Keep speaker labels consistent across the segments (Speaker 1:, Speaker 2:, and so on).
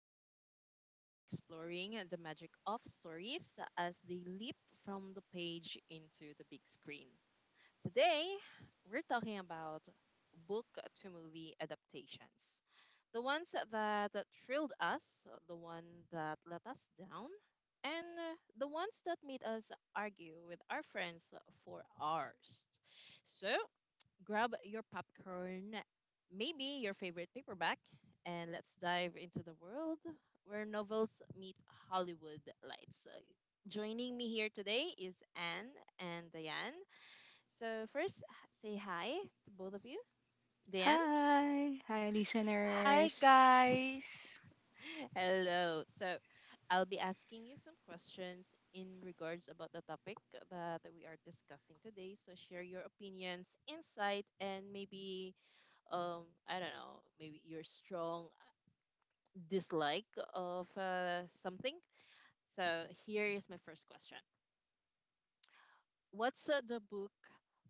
Speaker 1: where we are exploring the magic of stories as they leap from the page into the big screen. Today, we're talking about book to movie adaptations. The ones that thrilled us, the one that let us down, and the ones that made us argue with our friends for hours. So, grab your popcorn, maybe your favorite paperback, and let's dive into the world where novels meet Hollywood lights. So, joining me here today is Anne and Diane. So, first, say hi to both of you. Diane,
Speaker 2: Hi, hi listeners.
Speaker 1: hello. So, I'll be asking you some questions in regards about the topic that we are discussing today. So, share your opinions, insight, and maybe I don't know, maybe your strong dislike of something. So here is my first question. What's uh, the book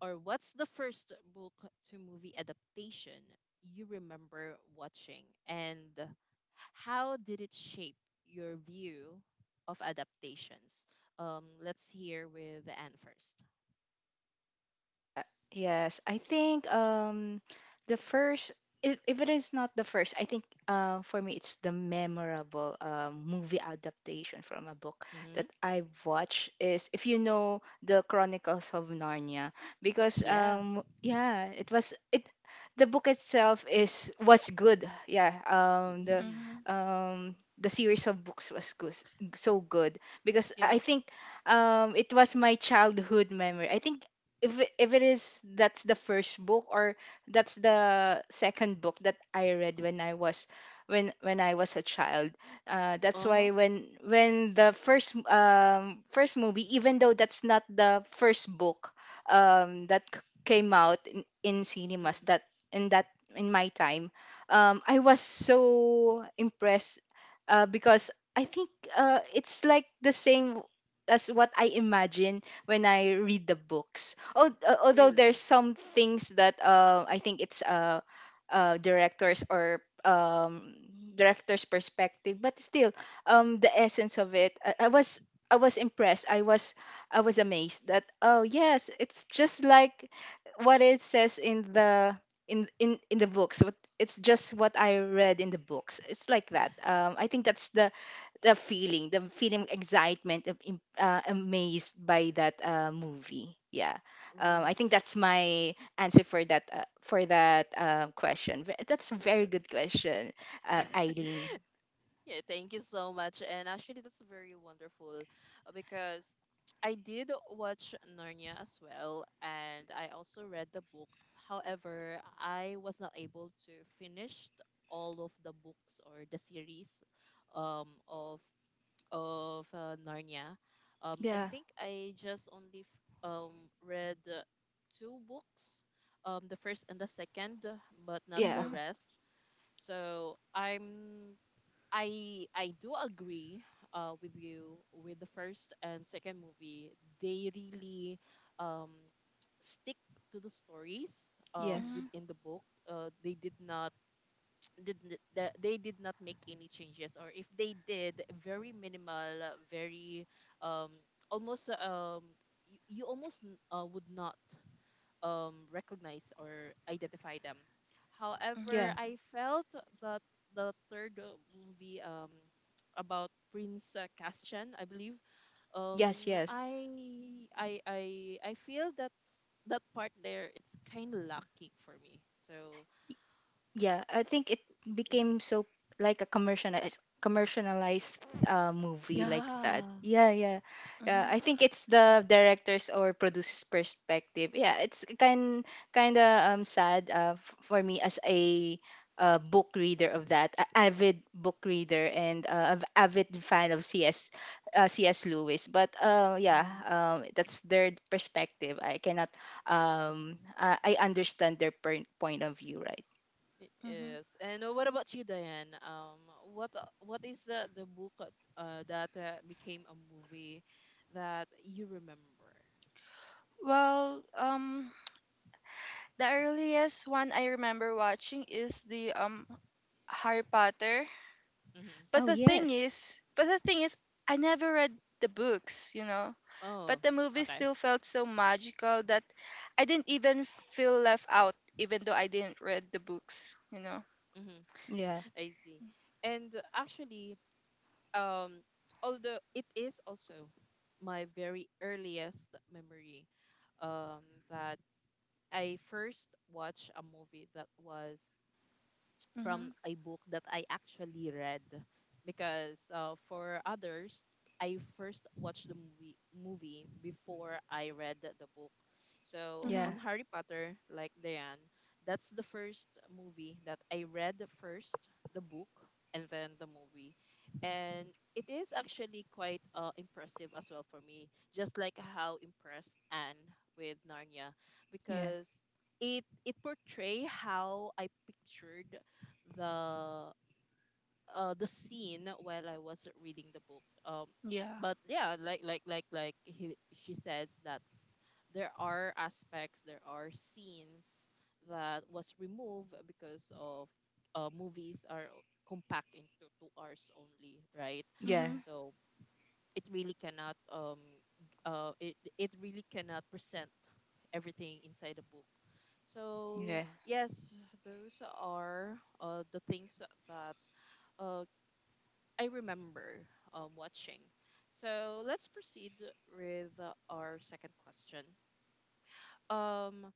Speaker 1: what's the first book to movie adaptation you remember watching and how did it shape your view of adaptations? Let's hear with Anne first.
Speaker 2: Yeah, yes, I think the first, if it is not the first, I think, for me it's the memorable movie adaptation from a book
Speaker 1: Mm-hmm.
Speaker 2: that I watched is, if you know, the Chronicles of Narnia, because
Speaker 1: Yeah.
Speaker 2: yeah it was it the book itself is was good, yeah.
Speaker 1: Mm-hmm.
Speaker 2: The series of books was good, so good, because I think it was my childhood memory. I think if it is that's the first book, or that's the second book that I read when I was, when I was a child. That's
Speaker 1: Uh-huh.
Speaker 2: why when the first movie, even though that's not the first book, that came out in
Speaker 1: Mm.
Speaker 2: cinemas, that in that in my time, I was so impressed, because I think it's like the same as what I imagine when I read the books, although
Speaker 1: Really?
Speaker 2: there's some things that, I think it's, directors or, director's perspective, but still, the essence of it, I was, I was impressed. I was amazed that, oh yes, it's just like what it says in the, in the books. What it's just what I read in the books. It's like that. I think that's the feeling of excitement, of amazed by that movie. Yeah, I think that's my answer for that, question. That's a very good question,
Speaker 1: Mm.
Speaker 2: Eileen.
Speaker 1: Yeah, thank you so much. And actually, that's very wonderful because I did watch Narnia as well, and I also read the book. However, I was not able to finish all of the books or the series of Narnia. I
Speaker 2: Yeah,
Speaker 1: think I just only read two books, the first and the second, but not
Speaker 2: yeah,
Speaker 1: the
Speaker 2: okay.
Speaker 1: rest. So I'm I I do agree with you with the first and second movie. They really um, stick to the stories
Speaker 2: Yes,
Speaker 1: within the book. They did not they did not make any changes, or if they did, very minimal, very um, almost you, you almost would not recognize or identify them. However,
Speaker 2: yeah,
Speaker 1: I felt that the third movie about Prince Castian, I believe, um,
Speaker 2: yes, yes.
Speaker 1: I feel that that part there it's kind of lacking for me. So
Speaker 2: Yeah, I think it became so like a commercialized movie like that.
Speaker 1: yeah.
Speaker 2: Yeah, yeah, yeah. I think it's the director's or producer's perspective. Yeah, it's kind, kind of sad, for me as a, book reader of that, a avid book reader, and avid fan of CS, CS Lewis. But
Speaker 1: Mm.
Speaker 2: that's their perspective. I cannot, I understand their point of view, right?
Speaker 1: It is. And what about you, Diane? What is the book that became a movie that you remember? Mm-hmm.
Speaker 2: Oh yes.
Speaker 1: Oh, okay. Mm-hmm.
Speaker 2: Yeah.
Speaker 1: I see. And actually, um, although it is also my very earliest memory, um, that I first watched a movie that was from a book that I actually read because for others, I first watched the movie before I read the book. So
Speaker 2: Yeah.
Speaker 1: on Harry Potter, like Diane, that's the first movie that I read the first, the book, and then the movie. And it is actually quite impressive as well for me, just like how impressed Anne with Narnia,
Speaker 2: Yeah.
Speaker 1: because it portray how I pictured the the scene while I was reading the book. But yeah, like she says that there are aspects, there are scenes that was removed because of movies are compact into 2 hours only, right?
Speaker 2: Yeah.
Speaker 1: So it really cannot it it really cannot present everything inside the book. So
Speaker 2: Yeah.
Speaker 1: yes, those are the things that uh, I remember watching. So let's proceed with our second question. Um,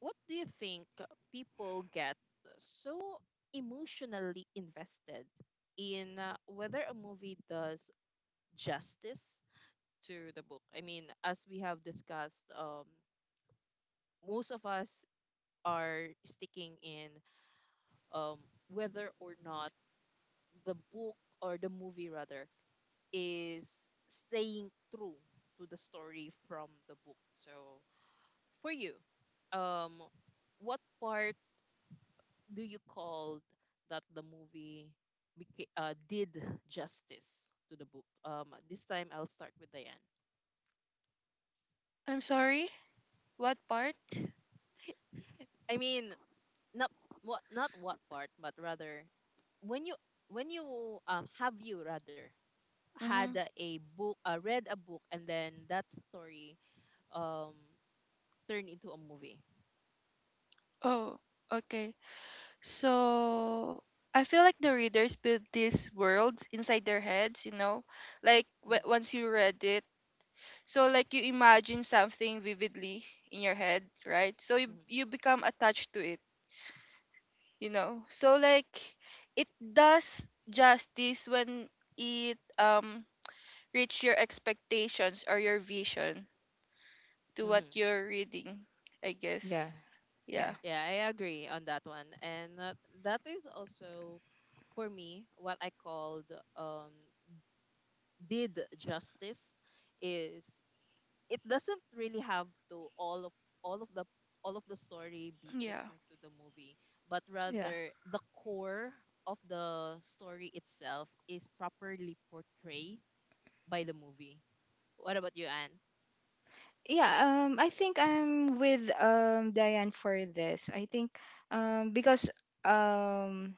Speaker 1: what do you think people get so emotionally invested in whether a movie does justice to the book? I mean, as we have discussed, most of us are sticking in um, whether or not the book or the movie rather is staying true to the story from the book. So for you, um, what part do you call that the movie did justice to the book? This time I'll start with Diane. I mean, not what, not what part, but rather when you when you have you rather had a book read a book and then that story um turned into a movie. Mm-hmm, mm-hmm, mm-hmm.
Speaker 2: Yeah. Yeah.
Speaker 1: Yeah, I agree on that one. And that is also for me what I called um did justice is it doesn't really have to all of all of the all of the story be put into the movie, but
Speaker 2: Yeah.
Speaker 1: rather the core of the story itself is properly portrayed by the movie. What about you, Anne?
Speaker 2: Yeah, I think I'm with Diane for this. I think because um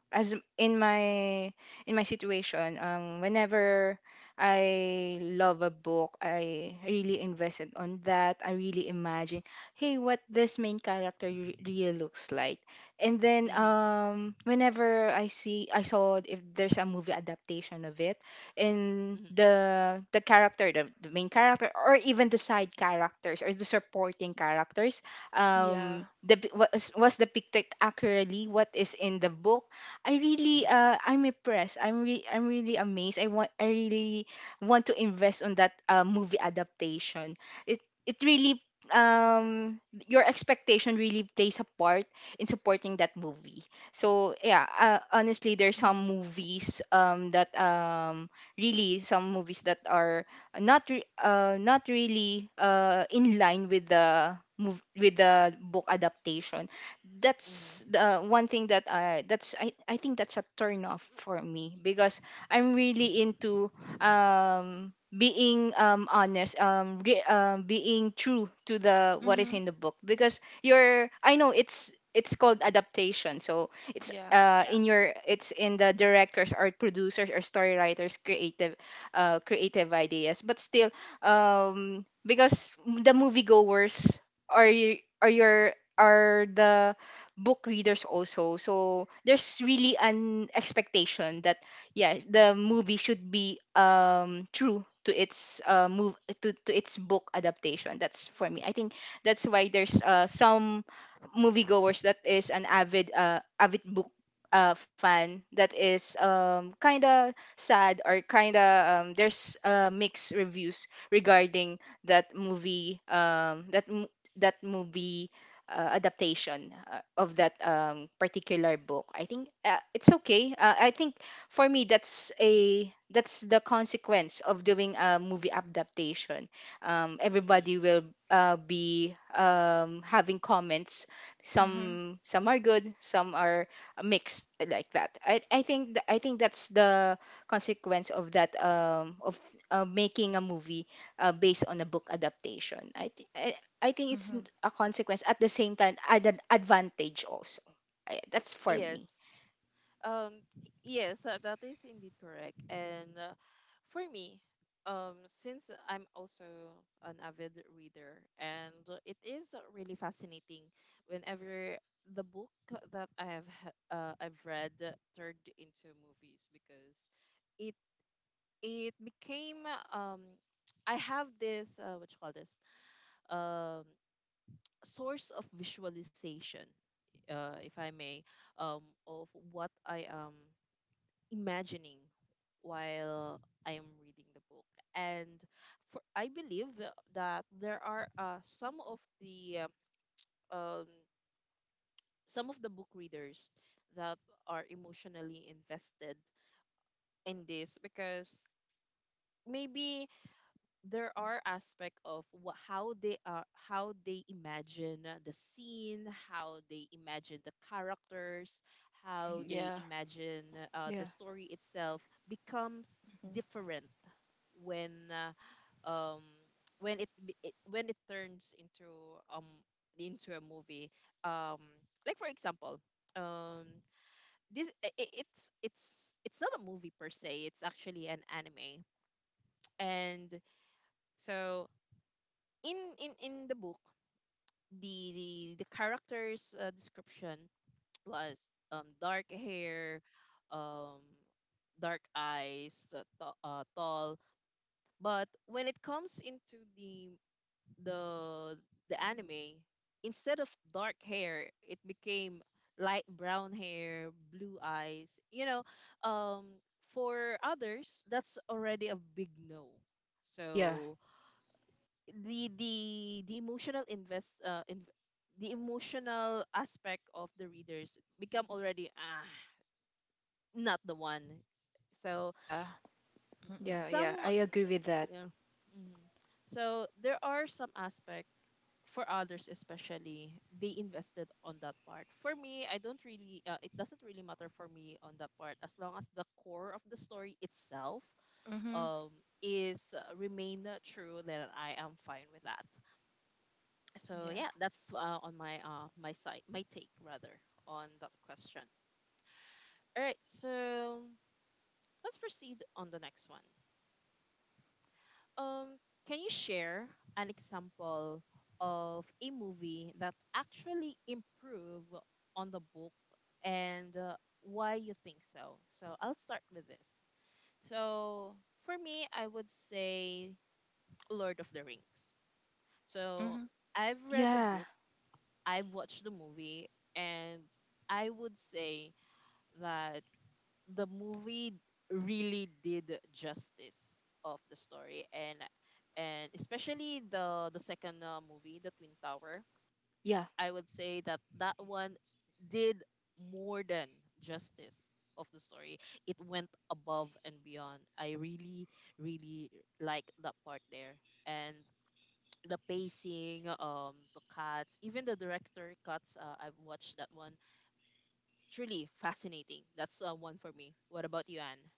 Speaker 2: as in my situation, whenever I love a book, I really invested on that. I really imagine, hey, what this main character really looks like. And then
Speaker 1: Mm-hmm.
Speaker 2: whenever I saw if there's a movie adaptation of it, in
Speaker 1: Mm-hmm.
Speaker 2: the character the main character, or even the side characters or the supporting characters, was depicted accurately what is in the book. I really,
Speaker 1: Mm-hmm.
Speaker 2: I'm impressed, I'm really amazed, I really want to invest on that movie adaptation. it it really um your expectation really plays a part in supporting that movie. So yeah, honestly, there's some movies that really, some movies that are not really in line with the with the book adaptation. That's
Speaker 1: Mm-hmm.
Speaker 2: the one thing that, I think that's a turn off for me, because I'm really into being honest, being true to the what is in the book, because you're, I know it's called adaptation, so it's,
Speaker 1: Yeah.
Speaker 2: in your it's in the directors or producers or story writers creative, creative ideas, but still, because the moviegoers are you, are your, are the book readers also, so there's really an expectation that, yeah, the movie should be true to its, to its book adaptation. That's for me. I think that's why there's some moviegoers that is an avid, avid book, fan, that is kind of sad, or kind of there's mixed reviews regarding that movie, that movie adaptation of that particular book. I think, it's okay. I think for me that's a, that's the consequence of doing a movie adaptation.
Speaker 1: Mm-hmm.
Speaker 2: Everybody will, be having comments, some are good, some are mixed like that. I think that's the consequence of that, of making a movie based on a book adaptation. I think it's, a consequence at the same time, an advantage also. I, that's for
Speaker 1: Yes.
Speaker 2: me.
Speaker 1: Um, yes, that is indeed correct. And for me, since I'm also an avid reader, and it is really fascinating whenever the book that I've read turned into movies because it it became um, I have this what you call this um, source of visualization, if I may, of what I am imagining while I am reading the book. And for I believe that there are uh, um, some of the book readers that are emotionally invested in this because maybe there are aspect of how they imagine the scene, how they imagine the characters, how they imagine the
Speaker 2: Yeah,
Speaker 1: story itself becomes different when uh, um when it, be- it when it turns into um a movie um, like for example um, this I- it's not a movie per se, it's actually an anime. And so in the book the character's description was um, dark hair, um, dark eyes, tall, but when it comes into the the anime, instead of dark hair, it became light brown hair, blue eyes. You know, um, for others, that's already a big no.
Speaker 2: yeah,
Speaker 1: So the the the emotional invest uh, in, the emotional aspect of the readers become already ah, not the one. So
Speaker 2: yeah, yeah,
Speaker 1: some,
Speaker 2: I agree with that.
Speaker 1: yeah. Mhm. So there are some aspect for others especially they invested on that part. For me, I don't really it doesn't really matter for me on that part, as long as the core of the story itself um is remain true, then I am fine with that. So yeah, that's on my my side, my take rather, on that question. All right, so let's proceed on the next one. Um, can you share an example of a movie that actually improve on the book and why you think so? So I'll start with this. So for me, I would say Lord of the Rings. So I've read the
Speaker 2: Yeah,
Speaker 1: book, I've watched the movie, and I would say that the movie really did justice of the story. And especially the second movie, the Twin Tower,
Speaker 2: yeah.
Speaker 1: I would say that that one did more than justice of the story. It went above and beyond. I really really like that part there. And the pacing, um, the cuts, even the director cuts, I've watched that one. Truly fascinating. That's one for me. What about you, Anne?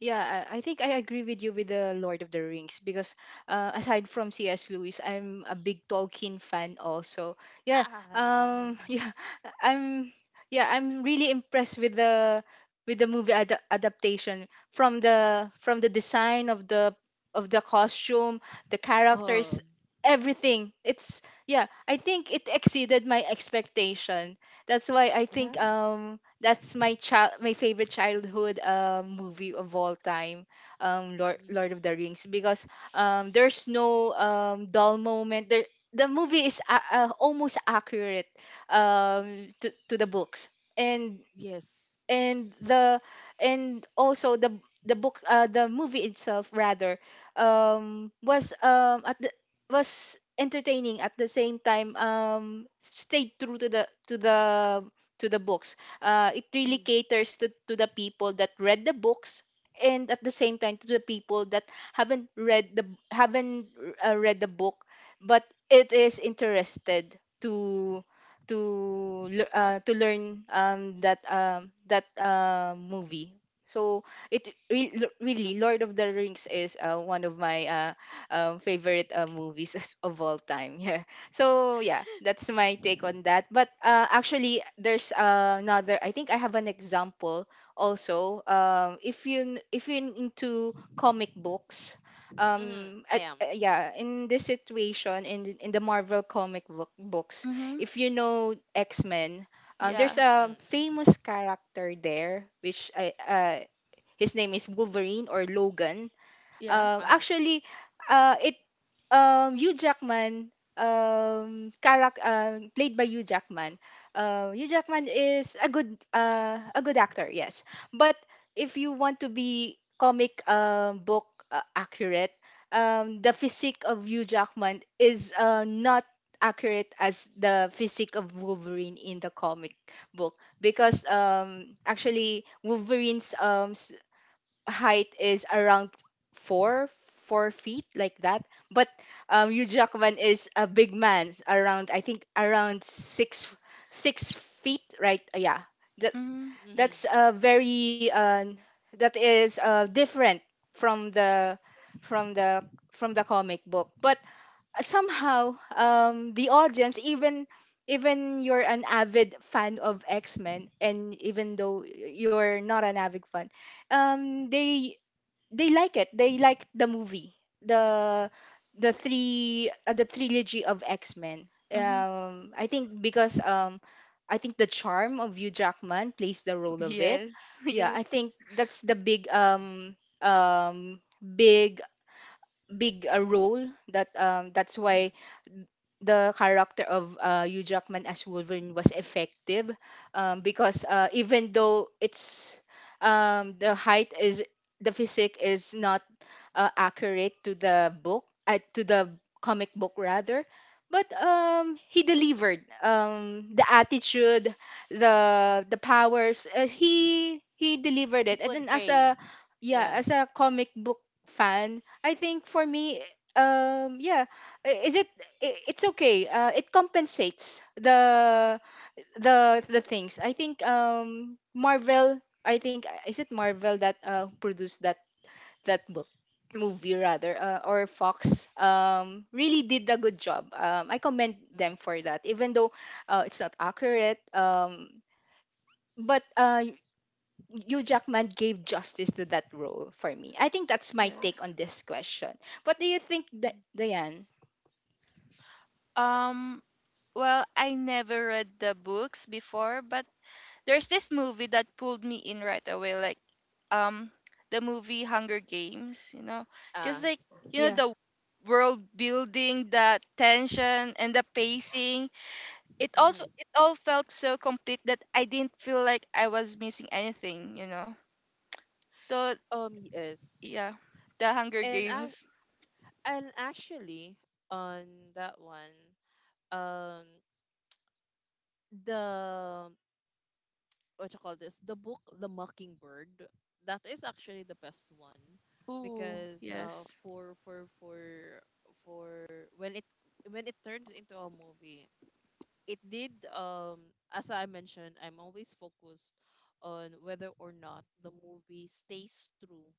Speaker 2: Yeah, I think I agree with you with the Lord of the Rings, because aside from C.S. Lewis, I'm a big Tolkien fan also. Yeah,
Speaker 1: Ah.
Speaker 2: yeah, I'm yeah, I'm really impressed with the, with the movie adaptation, from the, from the design of the, of the costume, the characters,
Speaker 1: Oh,
Speaker 2: everything. It's, yeah, I think it exceeded my expectation. That's why I
Speaker 1: yeah.
Speaker 2: think that's my child my favorite childhood movie of all time,
Speaker 1: Mm.
Speaker 2: Lord of the Rings, because there's no dull moment there. The movie is almost accurate to the books, and
Speaker 1: Yes.
Speaker 2: and the, and also the book the movie itself rather, um was um at the was entertaining at the same time, stayed true to the, to the books. It really
Speaker 1: Mm.
Speaker 2: caters to the people that read the books, and at the same time to the people that haven't read the haven't read the book, but it is interested to to learn that movie. So it really, Lord of the Rings is one of my, favorite movies of all time. Yeah. So yeah, that's my take on that. But actually, there's another. I think I have an example also. If you if you're into comic books,
Speaker 1: Mm. I
Speaker 2: at,
Speaker 1: am.
Speaker 2: yeah in this situation, in the, in the Marvel comic book books, if you know X-Men, there's a
Speaker 1: Mm.
Speaker 2: famous character there, which his name is Wolverine, or Logan.
Speaker 1: Uh-huh.
Speaker 2: Actually, it Hugh Jackman, character, played by Hugh Jackman. Hugh Jackman is a good, a good actor, yes. But if you want to be comic, book accurate, the physique of Hugh Jackman is, not accurate as the physique of Wolverine in the comic book, because actually Wolverine's height is around four four feet like that. But Hugh Jackman is a big man, around, I think around six feet, right? Yeah, that
Speaker 1: Mm-hmm.
Speaker 2: that's a very, that is, different from the, from the, from the comic book. But somehow the audience, even, even you're an avid fan of X-Men, and even though you're not an avid fan, um they they like it. They like the movie. The the three the trilogy of X-Men. I think because I think the charm of Hugh Jackman plays the role of it. Yeah, I think that's the big, um big big role. That's
Speaker 1: Mm-hmm.
Speaker 2: why the character of Hugh Jackman as Wolverine was effective, because, even though it's, the height is, the physique is not accurate to the book, to the comic book rather. But he delivered the attitude, the powers, he delivered
Speaker 1: He
Speaker 2: it. And then as
Speaker 1: portray.
Speaker 2: a, yeah,
Speaker 1: Yeah.
Speaker 2: as a comic book fan, I think for me, yeah, I- is it, I- it's okay. It compensates the things. I think Marvel, I think, is it Marvel that produced that, that book movie rather, or Fox, really did a good job. I commend them for
Speaker 1: Mm-hmm.
Speaker 2: that, even though, it's not accurate, but Hugh Jackman gave justice to that role for me. I think that's my take on this question. What do you think,
Speaker 1: Mhm.
Speaker 2: Diane?
Speaker 1: Uh.
Speaker 2: Yeah,
Speaker 1: Mm-hmm. Yes. And I and actually on that one, um, the what you call this, the book The Mockingbird, that is actually the best one because for when it turns into a movie, it did um, as I mentioned, I'm always focused on whether or not the movie stays true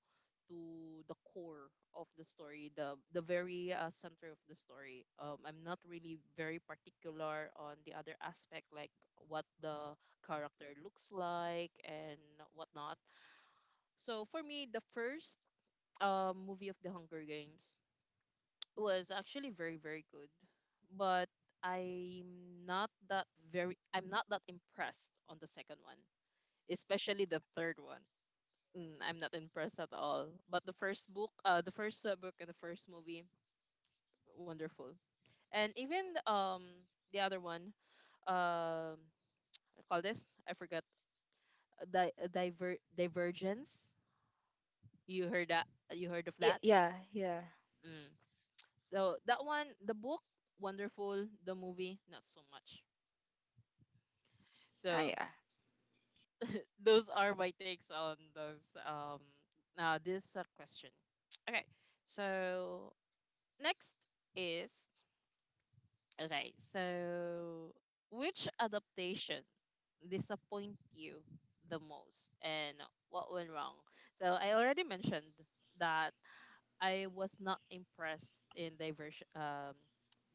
Speaker 1: to the core of the story, the very center of the story. Um, I'm not really very particular on the other aspect like what the character looks like and whatnot. So for me, the first movie of The Hunger Games was actually very very good, but I'm not that I'm not that impressed on the second one, especially the third one. Mm, I'm not impressed at all. But the first book and the first movie, wonderful. And even um, the other one, um, I call this, I forgot, Divergence. You heard that? You heard of
Speaker 2: yeah,
Speaker 1: that?
Speaker 2: yeah, yeah.
Speaker 1: Mm. So that one, the book, wonderful. The movie, not so much. So
Speaker 2: I,
Speaker 1: those are my takes on those um, this question. Okay, so next is, okay, so which adaptation disappoint you the most and what went wrong? So I already mentioned that I was not impressed in Diversion. Um,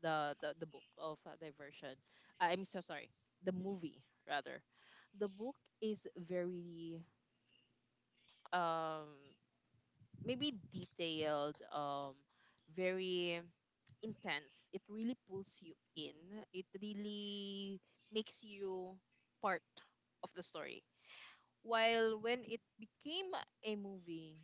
Speaker 1: the book of Diversion, I'm so sorry, the movie rather, the book is very um, maybe detailed, um, very intense, it really pulls you in, it really makes you part of the story. While when it became a movie,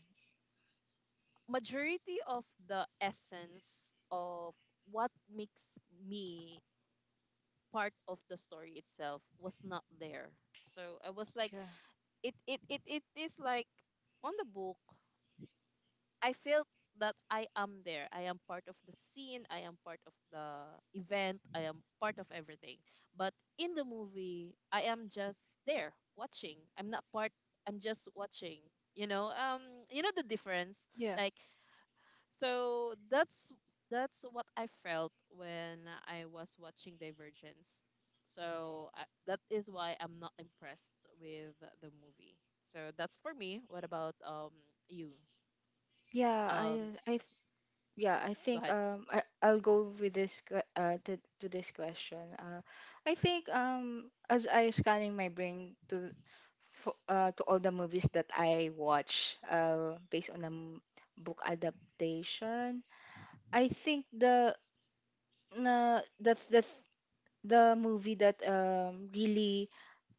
Speaker 1: majority of the essence of what makes me part of the story itself was not there. So I was like,
Speaker 2: yeah,
Speaker 1: it is like on the book, I feel that I am there. I am part of the scene. I am part of the event. I am part of everything. But in the movie, I am just there watching. I'm not part. I'm just watching. You know, um, you know the difference.
Speaker 2: yeah,
Speaker 1: Like, so that's what I felt when I was watching Divergence. So that is why I'm not impressed with the movie. So that's for me. What about you?
Speaker 2: yeah,
Speaker 1: Um,
Speaker 2: I th- yeah, I
Speaker 1: Go
Speaker 2: think,
Speaker 1: ahead.
Speaker 2: I'll go with this, to this question. I think as I scanning my brain to, for, to all the movies that I watch based on a book adaptation, I think the, na the movie that really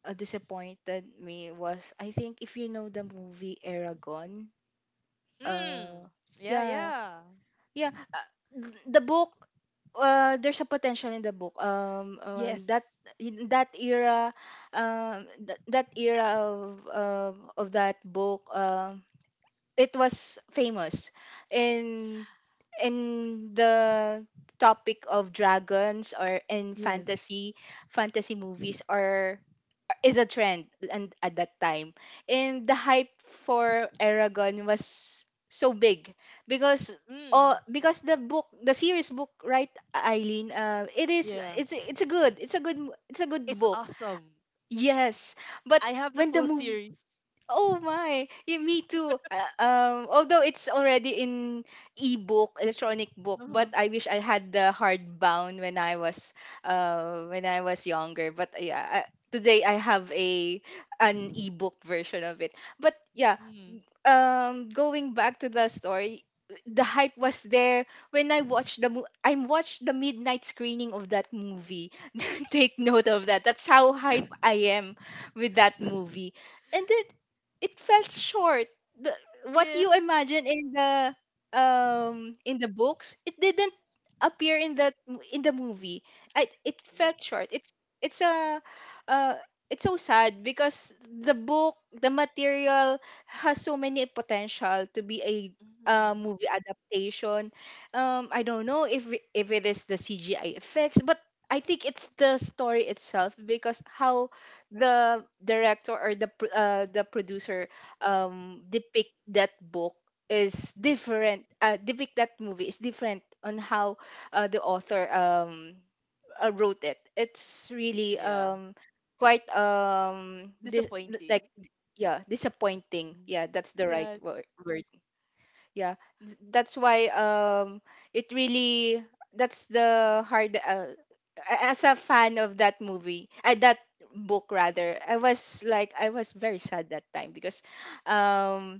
Speaker 2: disappointed me was, I think, if you know the movie Aragon.
Speaker 1: Mm.
Speaker 2: uh
Speaker 1: Yeah,
Speaker 2: yeah,
Speaker 1: yeah.
Speaker 2: Yeah, the book. There's a potential in the book. That
Speaker 1: Yes.
Speaker 2: in that era, that era of that book, it was famous, in in the topic of dragons, or in
Speaker 1: Yes.
Speaker 2: fantasy movies, or is a trend. And at that time, and the hype for Aragon was so big, because oh,
Speaker 1: Mm.
Speaker 2: because the book, the series book, right, Eileen? It is,
Speaker 1: Yeah.
Speaker 2: it's a good, it's a good
Speaker 1: It's
Speaker 2: book.
Speaker 1: awesome.
Speaker 2: Yes, but
Speaker 1: I have the
Speaker 2: when the
Speaker 1: full
Speaker 2: move—
Speaker 1: series.
Speaker 2: oh my, yeah, me too. Although it's already in ebook, electronic book, but
Speaker 1: Uh-huh.
Speaker 2: I wish I had the hardbound when I was younger. But yeah, I, today I have a an ebook version of it. But yeah,
Speaker 1: Mm.
Speaker 2: going back to the story, the hype was there when I watched the mo- I watched the midnight screening of that movie. Take note of that, that's how hype I am with that movie. And then it felt short, the, what you
Speaker 1: Yes.
Speaker 2: imagine in the books, it didn't appear in that mo- in the movie. I, it felt short, it's it's a uh it's so sad because the book, the material, has so many potential to be a
Speaker 1: Mm-hmm.
Speaker 2: movie adaptation. I don't know if it is the CGI effects, but I think it's the story itself, because how the director or the pr- the producer depict that book is different. Depict that movie is different on how the author wrote it. It's really
Speaker 1: Yeah.
Speaker 2: quite di- like,
Speaker 1: Disappointing.
Speaker 2: yeah, disappointing,
Speaker 1: Mm.
Speaker 2: yeah, that's the right
Speaker 1: Yeah.
Speaker 2: wor- word. Yeah, that's why it really, that's the hard a- as a fan of that movie, that book rather, I was like, I was very sad that time because um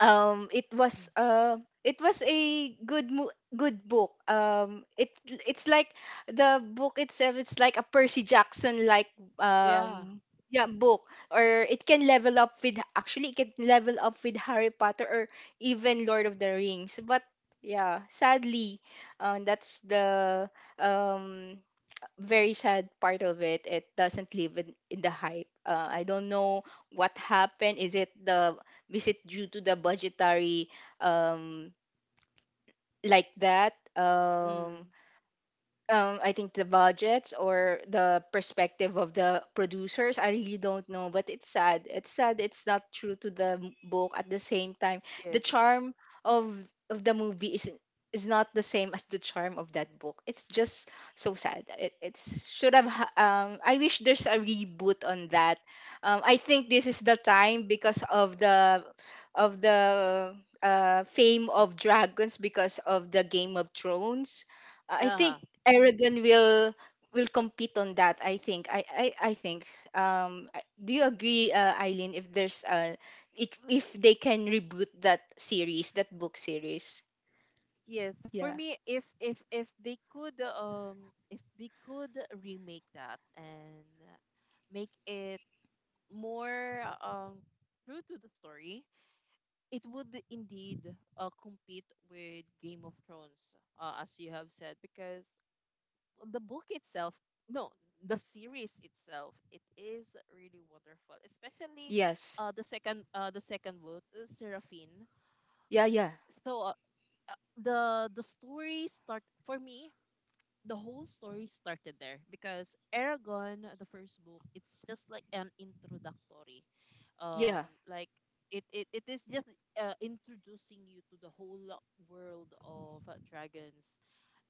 Speaker 2: um it was uh it was a good mo- good book, it it's like the book itself, it's like a Percy Jackson like,
Speaker 1: Yeah.
Speaker 2: um yeah, book. Or it can level up with, actually it can level up with Harry Potter or even Lord of the Rings, but yeah, sadly, that's the um very sad part of it, it doesn't live in the hype. I don't know what happened, is it the is it due to the budgetary, um like that,
Speaker 1: Mm.
Speaker 2: I think the budgets or the perspective of the producers, I really don't know. But it's sad. It's sad. It's not true to the m- book. At the same time, the
Speaker 1: Yes.
Speaker 2: charm of of the movie is not the same as the charm of that book. It's just so sad. It, it's should have. Ha- I wish there's a reboot on that. I think this is the time because of the fame of dragons because of the Game of Thrones. I think
Speaker 1: Uh-huh.
Speaker 2: Aragon will compete on that. I think. I think. I- do you agree, Eileen? If there's if they can reboot that series, that book series?
Speaker 1: Yes, for
Speaker 2: Yeah.
Speaker 1: me, if they could remake that and make it more true to the story, it would indeed compete with Game of Thrones, as you have said, because the book itself, no, the series itself, it is really wonderful, especially
Speaker 2: Yes.
Speaker 1: the second book, Seraphine.
Speaker 2: Yeah. Yeah.
Speaker 1: So uh, the the story start for me the whole story started there because Aragon, the first book, it's just like an introductory. Um,
Speaker 2: Yeah.
Speaker 1: like it is just introducing you to the whole world of dragons.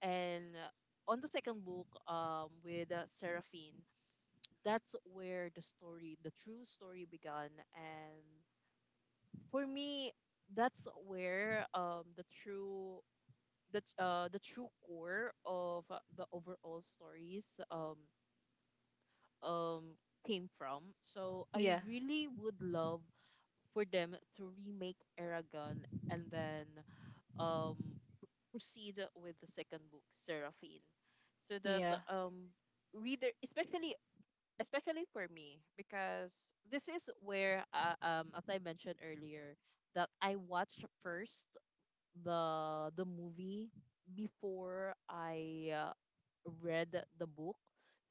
Speaker 1: And on the second book, with Seraphine, that's where the story, the true story began. And for me, that's where the true the true core of the overall stories um came from. So I really would love for them to remake Aragon and then um proceed with the second book, Seraphine. So that
Speaker 2: Yeah.
Speaker 1: reader especially, for me, this is where as I mentioned earlier, that I watch first the movie before I read the book.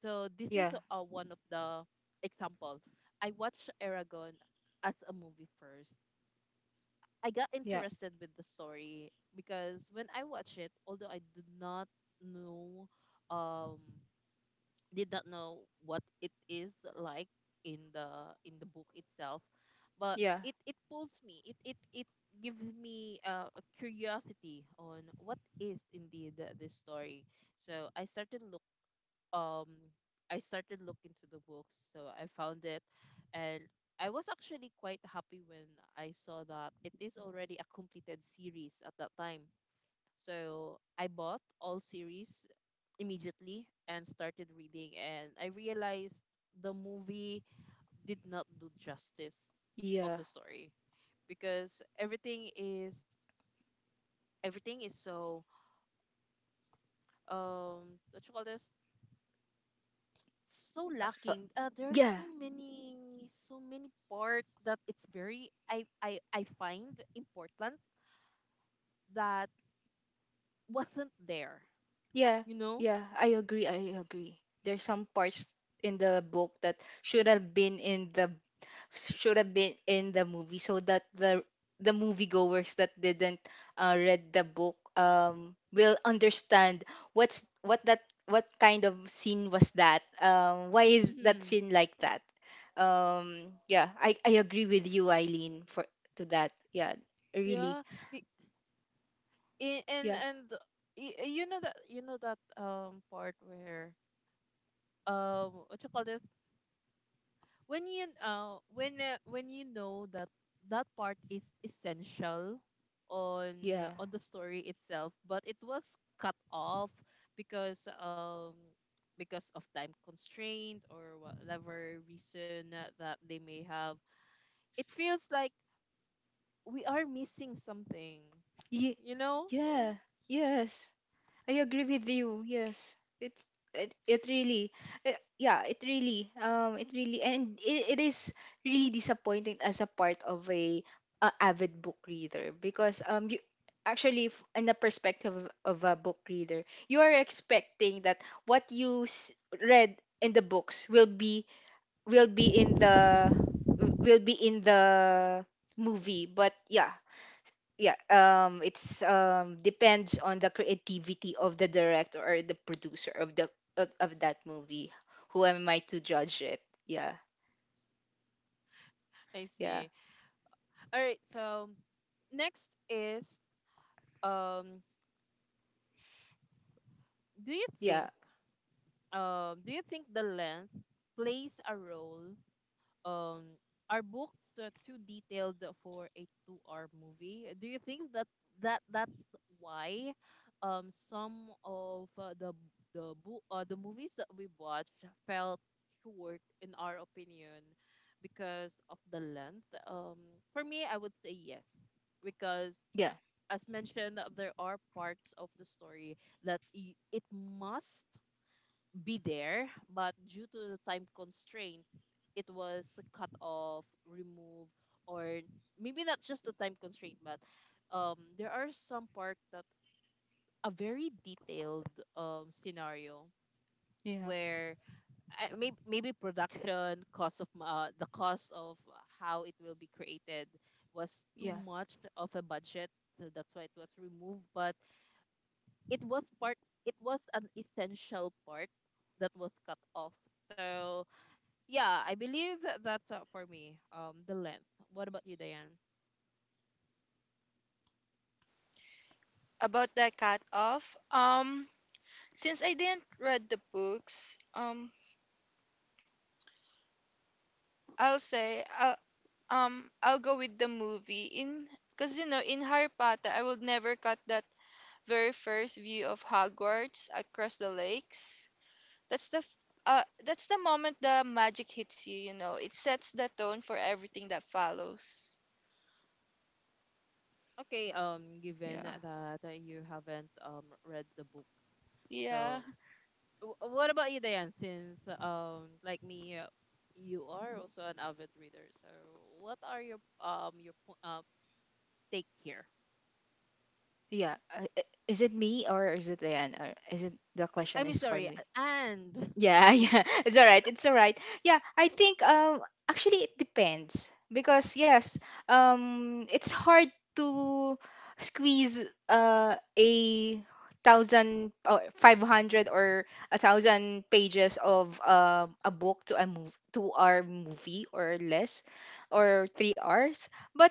Speaker 1: So this is
Speaker 2: Yeah.
Speaker 1: one of the example. I watched Aragon as a movie first. I got
Speaker 2: Yeah.
Speaker 1: interested with the story because when I watch it, although I did not know, um did not know what it is like in the book itself, but
Speaker 2: Yeah. Yeah.
Speaker 1: it pulls me, it gives me a curiosity on what is indeed this story. So um I started looking into the books, so I found it. And I was actually quite happy when I saw that it is already a completed series at that time, so I bought all series immediately and started reading, and I realized the movie did not do justice of
Speaker 2: Yeah.
Speaker 1: the story because everything is everything is so what you call this so
Speaker 2: Uh,
Speaker 1: lacking. There are
Speaker 2: yeah.
Speaker 1: so many parts that it's very I find important that wasn't there.
Speaker 2: Yeah.
Speaker 1: You know.
Speaker 2: Yeah. I agree. I agree. There's some parts in the book that should have been in the should have been in the movie, so that the moviegoers that didn't read the book will understand what's what that what kind of scene was that, why is that
Speaker 1: Mm-hmm.
Speaker 2: scene like that? Yeah, I agree with you, Eileen, for to that. Yeah, really.
Speaker 1: Yeah, be- I-
Speaker 2: Yeah,
Speaker 1: and y- you know that part where what you call this when you, when you know that that part is essential on
Speaker 2: yeah,
Speaker 1: on the story itself but it was cut off, because um because of time constraint or whatever reason that they may have, it feels like we are missing something
Speaker 2: Ye-
Speaker 1: you know Oh,
Speaker 2: yeah, yes, I agree with you. Yes, it's it, it really, eh, yeah, it really, and it is really disappointing as a part of a avid book reader, because you actually f- in the perspective of a book reader, you are expecting that what you s- read in the books will be in the will be in the movie. But yeah, yeah, it's depends on the creativity of the director or the producer of the of that movie. Who am I to judge it? Yeah.
Speaker 1: I
Speaker 2: Yeah.
Speaker 1: see. All right. So next is, um do you
Speaker 2: Yeah.
Speaker 1: think do you think the length plays a role, um are books too detailed for a 2-hour movie? Do you think that that's why some of the movies that we watched felt short in our opinion because of the length? For me, I would say yes, because
Speaker 2: Yeah.
Speaker 1: as mentioned, there are parts of the story that, it must be there, but due to the time constraint, it was cut off, removed, or maybe not just the time constraint, but there are some part that a very detailed scenario
Speaker 2: Yeah.
Speaker 1: where, maybe, production cost of the cost of how it will be created was too
Speaker 2: Yeah.
Speaker 1: much of a budget, so that's why it was removed. But it was part it was an essential part that was cut off. So yeah, I believe that's, for me, the length. What about you, Diane?
Speaker 3: About the cut off, since I didn't read the books, I'll say I'll I'll go with the movie in, because you know, in Harry Potter I would never cut that very first view of Hogwarts across the lakes. that's the f- that's the moment the magic hits you. You know, it sets the tone for everything that follows.
Speaker 1: Okay, given
Speaker 2: Yeah.
Speaker 1: that you haven't read the book, so
Speaker 3: Yeah.
Speaker 1: what about you, Diane? Since like me, you are also an avid reader, so what are your take here.
Speaker 2: Yeah. Is it me, or is it Ryan? Or is it, the
Speaker 1: I
Speaker 2: question
Speaker 1: mean,
Speaker 2: is for
Speaker 1: sorry.
Speaker 2: me?
Speaker 1: And
Speaker 2: Yeah, yeah. It's all right. It's all right. Yeah, I think actually it depends, because yes, it's hard to squeeze 1,000 or 500 or a thousand pages of a book to a move to our movie, or less, or 3 hours. But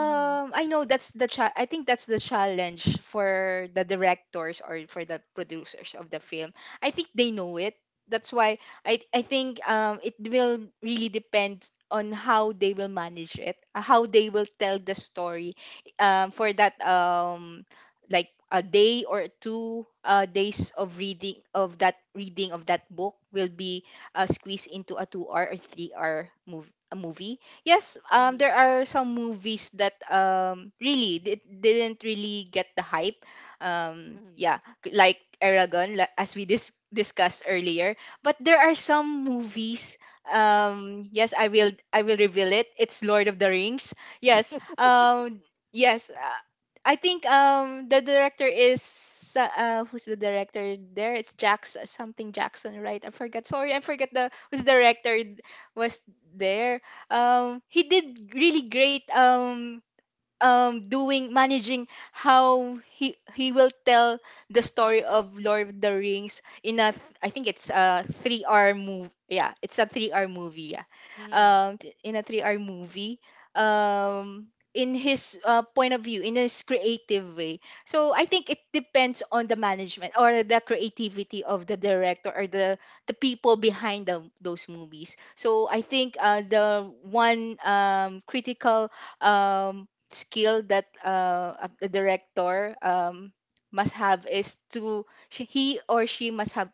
Speaker 1: Mm-hmm.
Speaker 2: I know that's the cha- I think that's the challenge for the directors or for the producers of the film. I think they know it, that's why I think it will really depend on how they will manage it, how they will tell the story, for that like a day or two, days of reading of that book will be squeezed into a 2 hour or 3 hour move a movie. Yes, there are some movies that really did, didn't really get the hype,
Speaker 1: Mm-hmm.
Speaker 2: yeah, like Aragon la- as we dis- discussed earlier. But there are some movies. Yes, I will. I will reveal it. It's Lord of the Rings. Yes. Yes. I think the director is who's the director there? It's Jackson, something Jackson, right? I forgot. Sorry, I forgot the who's the director was there. He did really great. Doing managing how he will tell the story of Lord of the Rings in a th- I think it's a 3 hour movie, yeah, it's a 3 hour movie, yeah,
Speaker 1: Mm-hmm.
Speaker 2: t- in a 3 hour movie, um in his point of view, in his creative way. So I think it depends on the management or the creativity of the director, or the people behind the, those movies. So I think the one critical um skill that a director must have is to she, he or she must have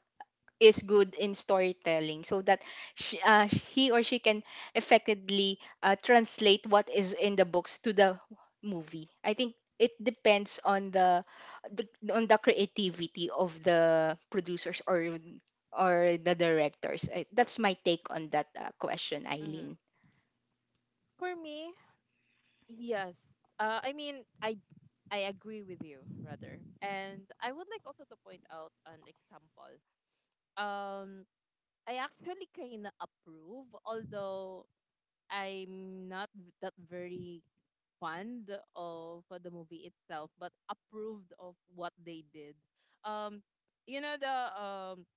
Speaker 2: is good in storytelling, so that she, he or she can effectively translate what is in the books to the movie. I think it depends on the on the creativity of the producers, or the directors. I, that's my take on that question,
Speaker 1: Mm-hmm.
Speaker 2: Eileen.
Speaker 1: For me, yes. I mean, I agree with you rather, and I would like also to point out an example. Um, I actually kind of approve, although I'm not, that very fond of the movie itself, but approved of what they did. Um, you know the,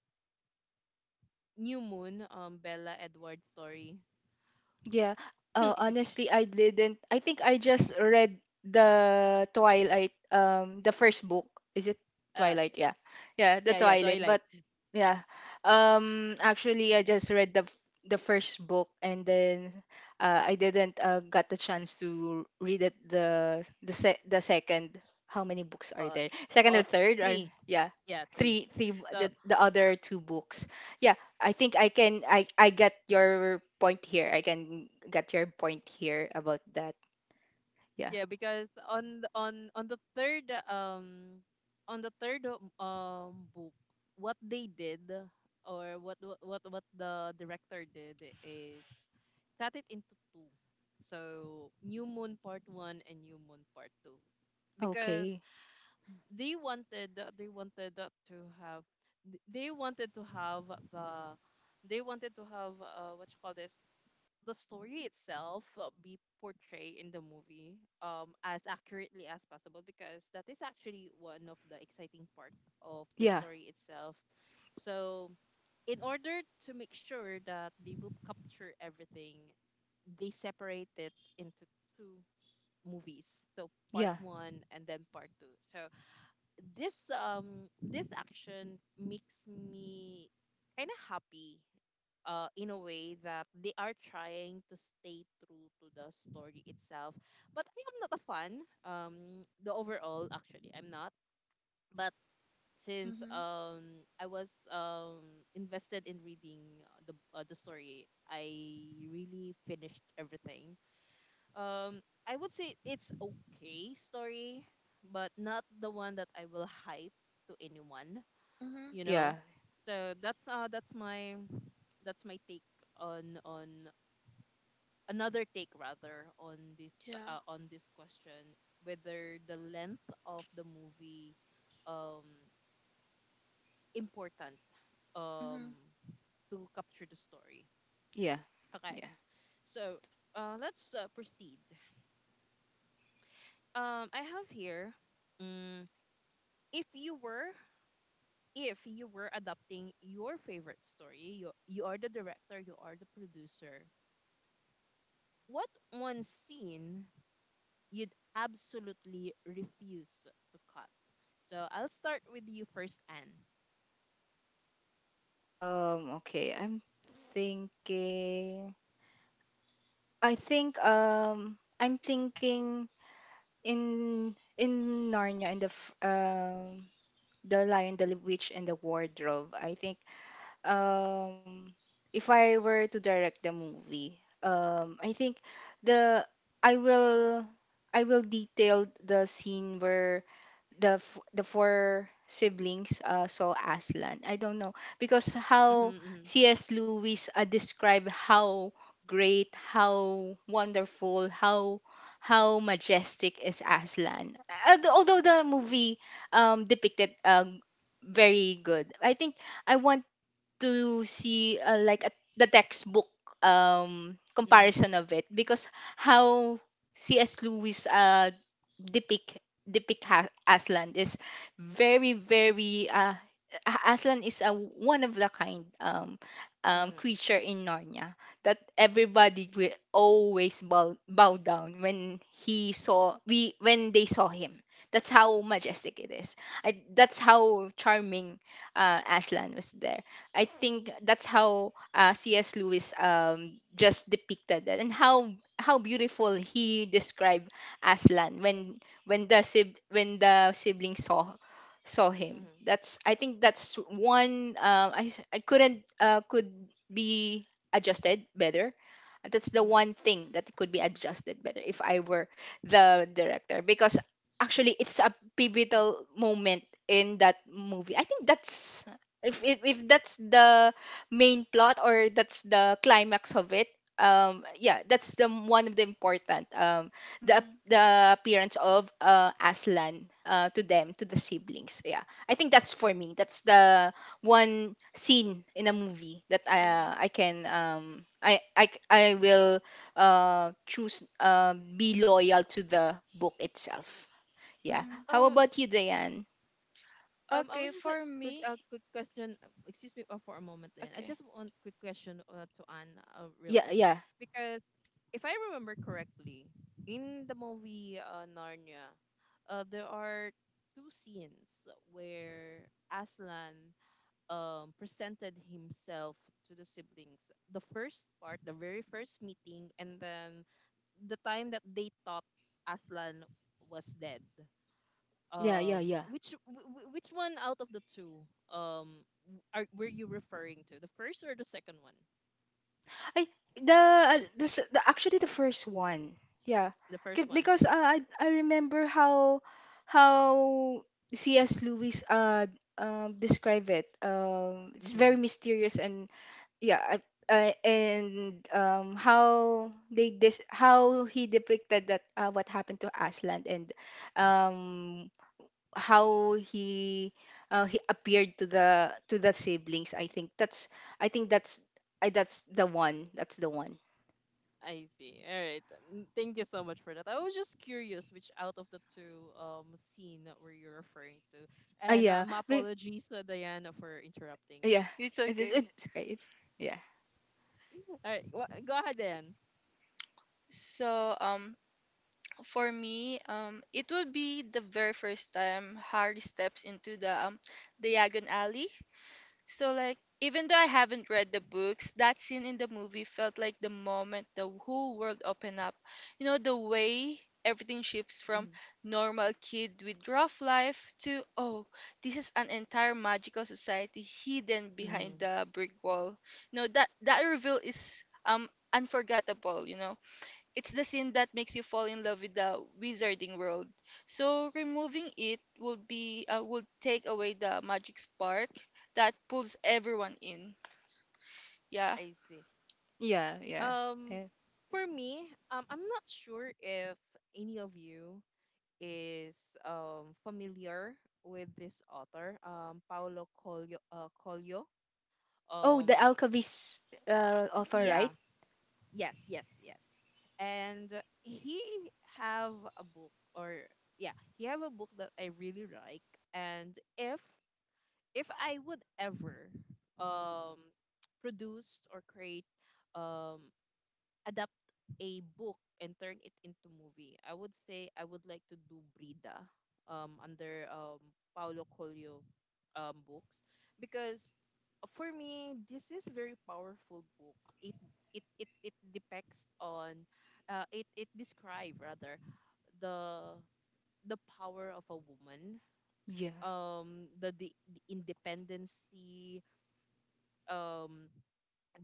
Speaker 1: New Moon, Bella Edwards story.
Speaker 2: Yeah.
Speaker 1: Excuse me.
Speaker 2: Honestly, I didn't. I think I just read the Twilight, the first book. Is it
Speaker 1: Uh,
Speaker 2: Twilight? Yeah. Yeah, the
Speaker 1: yeah, yeah,
Speaker 2: Twilight.
Speaker 1: Twilight.
Speaker 2: But yeah. Actually, I just read the f- the first book, and then I didn't got the chance to read it the se- the second. How many books are
Speaker 1: Uh,
Speaker 2: there? Second or
Speaker 1: uh,
Speaker 2: third or
Speaker 1: Three.
Speaker 2: yeah?
Speaker 1: Yeah, three.
Speaker 2: Three, three, b-
Speaker 1: So
Speaker 2: the other two books. Yeah, I think I can I get your point here. I can get your point here about that. Yeah.
Speaker 1: yeah, because on the, on- on the third, book, what they did or what the director did is cut it into two. So New Moon Part One and New Moon Part Two, because
Speaker 2: Okay.
Speaker 1: they wanted to have, they wanted to have the they wanted to have what you call this the story itself, be portrayed in the movie as accurately as possible, because that is actually one of the exciting part of the
Speaker 2: Yeah.
Speaker 1: story itself. So in order to make sure that they will capture everything, they separate it into two movies, so part
Speaker 2: Yeah.
Speaker 1: one and then part two. So this action makes me kind of happy, in a way that they are trying to stay true to the story itself. But I am not a fan. um the overall, actually, I'm not. But since
Speaker 3: Mm-hmm,
Speaker 1: I was invested in reading the story, I really finished everything. um, I would say it's okay story, but not the one that I will hype to anyone,
Speaker 3: mm-hmm.
Speaker 1: you
Speaker 2: Yeah.
Speaker 1: know. So that's, that's my take on another take rather on this,
Speaker 3: Yeah.
Speaker 1: on this question, whether the length of the movie, um important, um
Speaker 3: Mm-hmm,
Speaker 1: to capture the story.
Speaker 2: Yeah.
Speaker 1: Okay.
Speaker 2: Yeah.
Speaker 1: So, let's, proceed. I have here, um if you were, adapting your favorite story. You, are the director, you are the producer. What one scene you'd absolutely refuse to cut? So I'll start with you first, Anne.
Speaker 2: Okay. I'm thinking, I think I'm thinking in Narnia in the f- the Lion, the Witch and the Wardrobe. I think um if I were to direct the movie, I think the I will I will detail the scene where the f- the four siblings saw Aslan. I don't know because
Speaker 1: Mm-hmm,
Speaker 2: how
Speaker 1: mm-hmm,
Speaker 2: C.S. Lewis described how great, how wonderful, how majestic is Aslan. Al- Although the movie depicted very good, I think I want to see like a, the textbook
Speaker 1: mm-hmm,
Speaker 2: comparison of it, because how C.S. Lewis depict depict ha- Aslan is very very A- Aslan is a one of the kind, creature in Narnia that everybody will always bow, bow down when he saw we when they saw him. That's how majestic it is. I, that's how charming, Aslan was there. I think that's how C.S. Lewis just depicted that, and how beautiful he described Aslan when the sib- when the sibling saw saw him.
Speaker 1: mm-hmm,
Speaker 2: That's I think that's one, I s- I couldn't could be adjusted better. That's the one thing that could be adjusted better if I were the director, because actually it's a pivotal moment in that movie. I think that's if that's the main plot or that's the climax of it, yeah, that's the m- one of the important, the
Speaker 3: mm-hmm.
Speaker 2: ap- the appearance of Aslan to them, to the siblings. Yeah, I think that's for me that's the one scene in a movie that I
Speaker 3: Yeah.
Speaker 2: I can I c- I will choose be loyal to the book itself. Yeah.
Speaker 3: Mm-hmm.
Speaker 2: How about
Speaker 1: mm-hmm.
Speaker 2: you, Diane?
Speaker 1: I
Speaker 3: Okay,
Speaker 1: was just, like,
Speaker 3: for
Speaker 1: quick,
Speaker 3: me.
Speaker 1: quick question. Excuse me for a moment. Then I
Speaker 3: Okay.
Speaker 1: just want quick question to Anne, real
Speaker 2: Yeah,
Speaker 1: quick,
Speaker 2: yeah,
Speaker 1: because if I remember correctly, in the movie, Narnia, there are two scenes where Aslan presented himself to the siblings. The first part, the very first meeting, and then the time that they thought Aslan was dead,
Speaker 2: yeah, yeah, yeah,
Speaker 1: which one out of the two? W- are Were you referring to the first or the second one?
Speaker 2: I the this the actually the first one. Yeah.
Speaker 1: The first
Speaker 2: K-
Speaker 1: one.
Speaker 2: Because I remember how C.S. Lewis describe it. Um, it's
Speaker 1: Mm-hmm.
Speaker 2: very mysterious and yeah, I, and how they dis how he depicted that, what happened to Aslan, and um how he appeared to the siblings. I think that's I think that's I that's the one
Speaker 1: I see. All right. Thank you so much for that. I was just curious which out of the two scene that were you referring to. And
Speaker 2: yeah
Speaker 1: my
Speaker 2: but,
Speaker 1: apologies, Diana, for interrupting.
Speaker 2: yeah
Speaker 3: It's
Speaker 2: it is
Speaker 3: okay.
Speaker 2: it's okay it's yeah,
Speaker 1: All right, go ahead then.
Speaker 3: So, for me, it would be the very first time Harry steps into the Diagon Alley. So, like, even though I haven't read the books, that scene in the movie felt like the moment the whole world opened up. You know, the way everything shifts from
Speaker 1: Mm-hmm.
Speaker 3: normal kid with rough life to, oh, this is an entire magical society hidden
Speaker 1: Mm-hmm.
Speaker 3: behind the brick wall. You know, that reveal is unforgettable. You know, it's the sin that makes you fall in love with the wizarding world. So removing it would be would take away the magic spark that pulls everyone in. Yeah.
Speaker 1: I see.
Speaker 2: yeah, yeah,
Speaker 1: um
Speaker 2: yeah.
Speaker 1: for me, I'm not sure if any of you is familiar with this author, Paulo Coelho. Coelho.
Speaker 2: Oh, the
Speaker 1: Um, s-
Speaker 2: alcavis offer,
Speaker 3: Mhm.
Speaker 1: yeah,
Speaker 2: right?
Speaker 1: yes, yes, yes. And he have a book, or yeah, he have a book that I really like. And if I would ever, um, produce or create um, adapt a book and turn it into movie, I would say I would like to do Brida, under Paulo Coelho books, because for me this is very powerful book. It it depicts on, it it describe rather, the the power of a woman,
Speaker 2: Yeah,
Speaker 1: the independency, um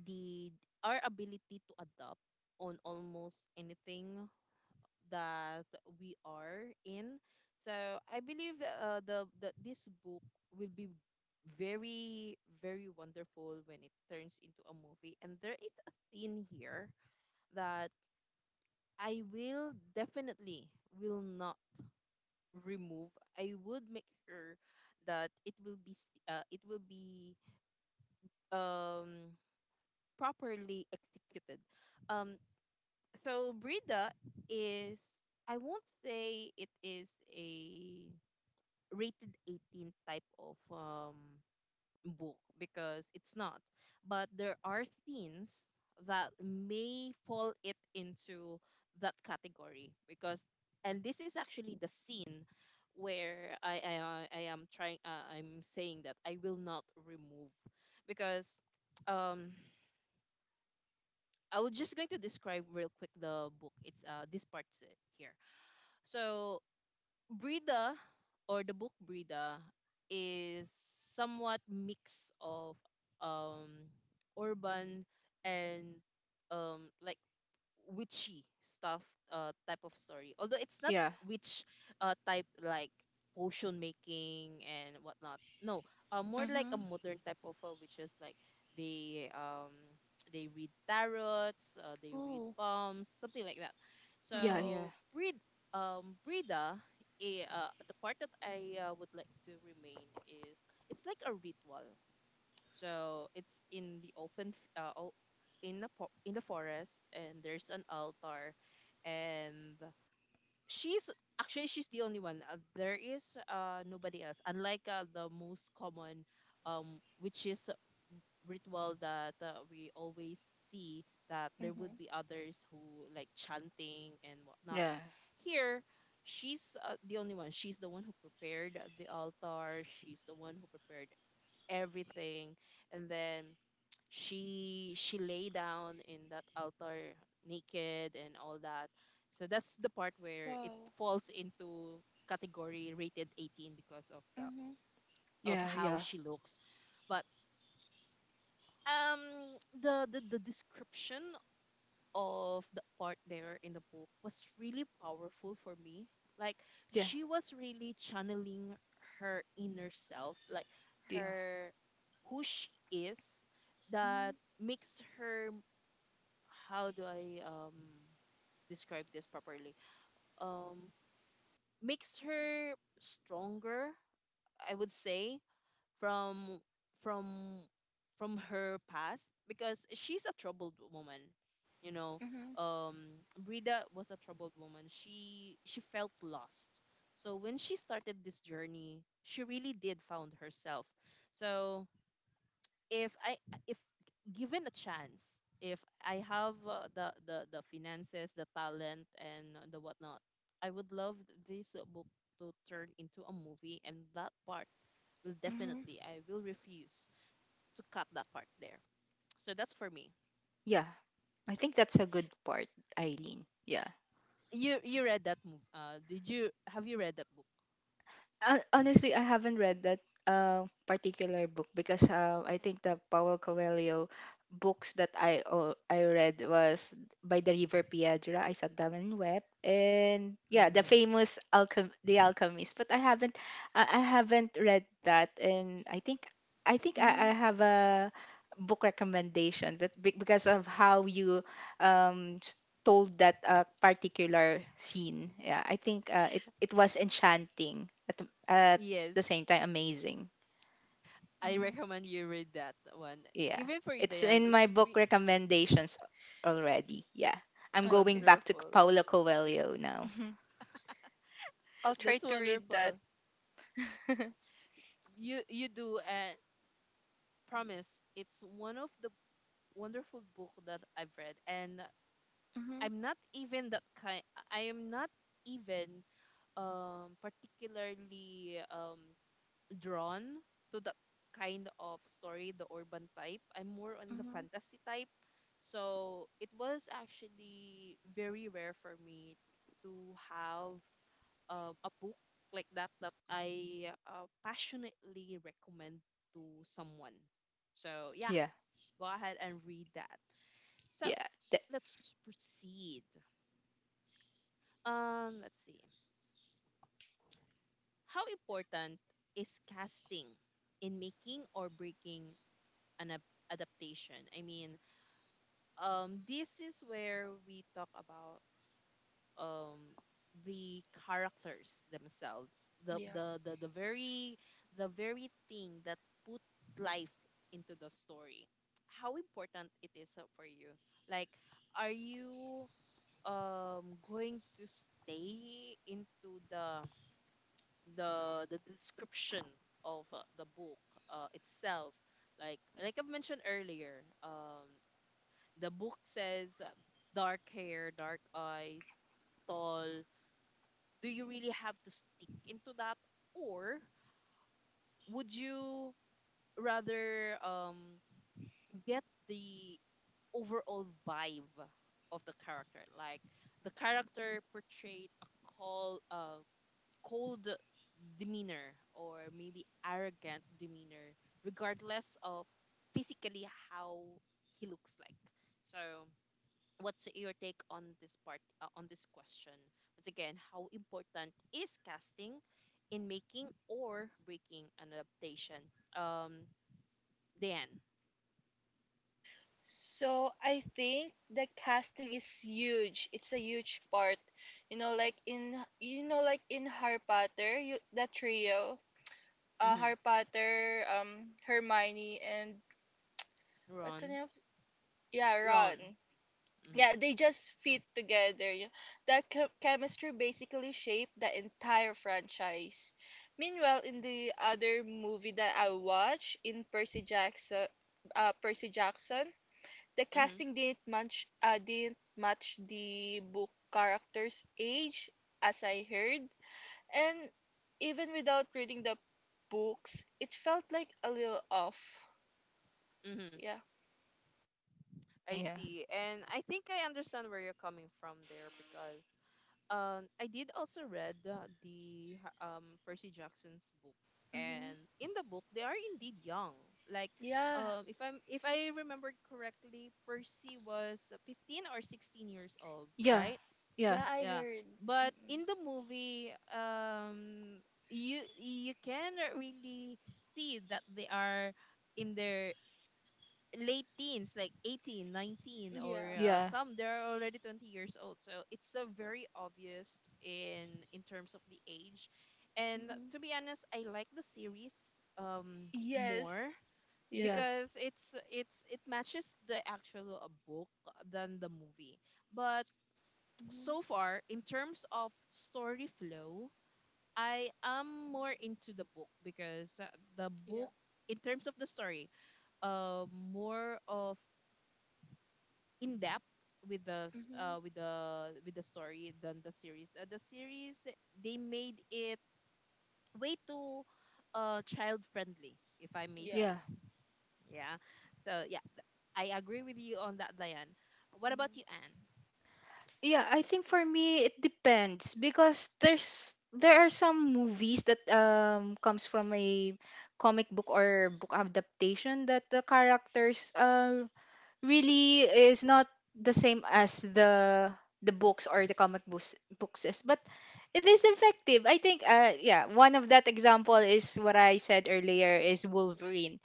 Speaker 1: the our ability to adapt on almost anything that we are in. So I believe, the this book will be very very wonderful when it turns into a movie. And there is a scene here that I will definitely will not remove. I would make sure that it will be, um properly executed. Um, so Brida is, I won't say it is a rated 18 type of book, because it's not. But there are things that may fall it into that category, because, and this is actually the scene where I am trying I'm saying that I will not remove, because um I was just going to describe real quick the book. It's this part here. So Brida, or the book Brida, is somewhat mix of um urban and like witchy stuff type of story, although it's not
Speaker 2: yeah,
Speaker 1: witch type like potion making and whatnot. No, more like a
Speaker 3: Mhm.
Speaker 1: modern type of witches, like they they read tarots, they read
Speaker 3: Ooh.
Speaker 1: palms, something like that.
Speaker 2: yeah,
Speaker 3: Mhm.
Speaker 2: yeah,
Speaker 1: So breed Brida, the part that I would like to remain is it's like a ritual. So it's in the open, in the in the forest, and there's an altar, and she's actually she's the only one. There is nobody else, unlike the most common, which is ritual that we always see, that there would
Speaker 3: Mhm.
Speaker 1: be others who like chanting and whatnot.
Speaker 2: yeah,
Speaker 1: Here, she's the only one. She's the one who prepared the altar. She's the one who prepared everything, and then she lay down in that altar naked and all that. So that's the part where it
Speaker 3: Wow.
Speaker 1: falls into category rated 18, because of the
Speaker 3: Mhm.
Speaker 1: of
Speaker 2: yeah,
Speaker 1: how
Speaker 2: yeah,
Speaker 1: she looks. But um, the description of the part there in the book was really powerful for me. Like,
Speaker 2: yeah,
Speaker 1: she was really channeling her inner self, like
Speaker 2: yeah,
Speaker 1: her, who she is, that
Speaker 3: Mhm.
Speaker 1: makes her, how do I describe this properly? Um, makes her stronger, I would say, from from from her past, because she's a troubled woman, you know.
Speaker 3: Mhm.
Speaker 1: Brida was a troubled woman. She felt lost. So when she started this journey, she really did found herself. So if I if given a chance, if I have the finances, the talent, and the whatnot, I would love this book to turn into a movie, and that part will
Speaker 3: Mhm.
Speaker 1: definitely, I will refuse to cut that part there. So that's for me.
Speaker 2: yeah. I think that's a good part, Eileen. Yeah.
Speaker 1: You read that mov, uh, did you, have you read that book?
Speaker 2: Honestly, I haven't read that particular book because I think the Paulo Coelho books that I read was By the River Piedra, I Sat Down and Wept, and
Speaker 1: Uh,
Speaker 2: yeah, the famous alchem The Alchemist. But I haven't read that, and I
Speaker 3: Mhm.
Speaker 2: have a book recommendation, but because of how you um, told that particular scene. Yeah, I think it was enchanting at
Speaker 1: yes,
Speaker 2: the same time amazing.
Speaker 1: I
Speaker 3: Mhm.
Speaker 1: recommend you read that one.
Speaker 2: Yeah,
Speaker 1: Even for you,
Speaker 2: it's
Speaker 1: Diane,
Speaker 2: in my
Speaker 1: it's re-
Speaker 2: book recommendations already. Yeah, I'm going
Speaker 3: Okay.
Speaker 2: back to
Speaker 1: wonderful.
Speaker 2: Paulo Coelho now.
Speaker 3: I'll try
Speaker 1: That's
Speaker 3: to read that.
Speaker 1: wonderful. You do promise, it's one of the wonderful book that I've read, and
Speaker 3: Mhm.
Speaker 1: I'm not even that kind, I am not even particularly drawn to that kind of story, the urban type. I'm more on the
Speaker 3: Mhm.
Speaker 1: fantasy type. So it was actually very rare for me to have a book like that that I passionately recommend to someone. So yeah,
Speaker 2: Yeah,
Speaker 1: go ahead and read that. So
Speaker 2: yeah,
Speaker 1: let's proceed. Let's see. How important is casting in making or breaking an adaptation? I mean, this is where we talk about um the characters themselves, the
Speaker 3: Yeah.
Speaker 1: the the, the very the very thing that put life into the story. How important it is for you? Like, are you going to stay into the the description of the book itself, like I've mentioned earlier, um, the book says dark hair, dark eyes, tall. Do you really have to stick into that, or would you rather get the overall vibe of the character, like the character portrayed a call cold demeanor, or maybe arrogant demeanor, regardless of physically how he looks like? So, what's your take on this part, on this question? Once again, how important is casting in making or breaking an adaptation? Um, Dan.
Speaker 3: So I think the casting is huge. It's a huge part. You know, like in Harry Potter, you, the trio,
Speaker 1: Mm-hmm.
Speaker 3: Harry Potter, Hermione, and what's the
Speaker 1: Ron.
Speaker 3: name of? Yeah,
Speaker 1: Ron.
Speaker 3: Ron.
Speaker 1: Mm-hmm.
Speaker 3: Yeah, they just fit together. You- that chemistry basically shaped the entire franchise. Meanwhile, in the other movie that I watched, in Percy Jackson. The
Speaker 1: Mm-hmm.
Speaker 3: casting didn't match the book character's age, as I heard, and even without reading the books, it felt like a little off.
Speaker 1: Mm-hmm. Mm-hmm.
Speaker 3: Yeah,
Speaker 1: I
Speaker 2: yeah,
Speaker 1: see. And I think I understand where you're coming from there, because um, I did also read the Percy Jackson's book, and
Speaker 3: mm-hmm.
Speaker 1: in the book they are indeed young, like
Speaker 3: Yeah,
Speaker 1: um, if I'm if I remember correctly, Percy was 15 or 16 years old,
Speaker 2: yeah,
Speaker 1: right?
Speaker 2: yeah,
Speaker 3: yeah. I
Speaker 1: Yeah,
Speaker 3: heard.
Speaker 1: but
Speaker 3: Mm-mm.
Speaker 1: in the movie um, you can really see that they are in their late teens, like 18, 19, or
Speaker 3: Yeah.
Speaker 2: yeah,
Speaker 1: some they're already 20 years old. So it's a very obvious in terms of the age. And
Speaker 3: Mm-hmm.
Speaker 1: to be honest, I like the series um, more,
Speaker 3: Yes.
Speaker 2: yeah,
Speaker 1: because
Speaker 3: Yes.
Speaker 1: it matches the actual book, than the movie. But
Speaker 3: Mm-hmm.
Speaker 1: so far in terms of story flow, I am more into the book, because the
Speaker 3: Yeah.
Speaker 1: book in terms of the story uh, more of in depth with the
Speaker 3: Mm-hmm.
Speaker 1: with the story than the series. The series they made it way too child friendly, if I may
Speaker 3: Yeah.
Speaker 1: say.
Speaker 2: yeah.
Speaker 1: Yeah. So yeah, th- I agree with you on that, Diane. What about
Speaker 3: Mm-hmm.
Speaker 1: you, Anne?
Speaker 2: Yeah, I think for me it depends because there are some movies that comes from a comic book or book adaptation that the characters really is not the same as the books or the comic books is, but it is effective. I think yeah, one of that example is what I said earlier is Wolverine.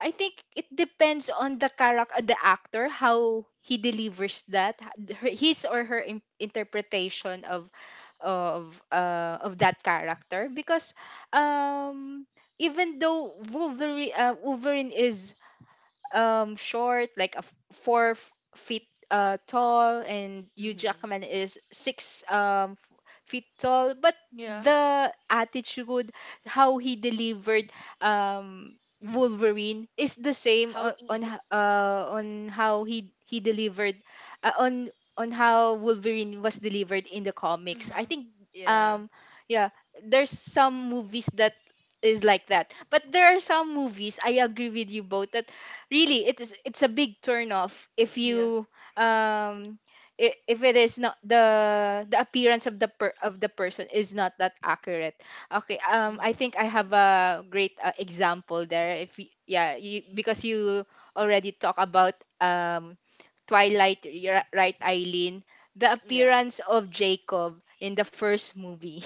Speaker 2: I think it depends on the character, the actor, how he delivers that, his or her interpretation of that character. Because um, even though Wolverine is short, like 4 feet tall, and Hugh
Speaker 1: Mm-hmm.
Speaker 2: Jackman is 6 feet tall. But
Speaker 3: Yeah.
Speaker 2: the attitude, how he delivered Wolverine is the same
Speaker 1: How?
Speaker 2: on how he delivered uh, on on how Wolverine was delivered in the comics. I
Speaker 3: Mm-hmm.
Speaker 2: think
Speaker 1: Yeah.
Speaker 2: um yeah, there's some movies that is like that. But there are some movies I agree with you both that really it's a big turn off if
Speaker 3: Yeah.
Speaker 2: you um if it is not the appearance of the person is not that accurate. Okay. I
Speaker 1: Mm-hmm.
Speaker 2: think I
Speaker 3: Mm-hmm.
Speaker 2: have a great example there. If y- Yeah, you, because you already talk about um Twilight, right, Eileen? The
Speaker 1: Yeah.
Speaker 2: appearance of Jacob in the first movie.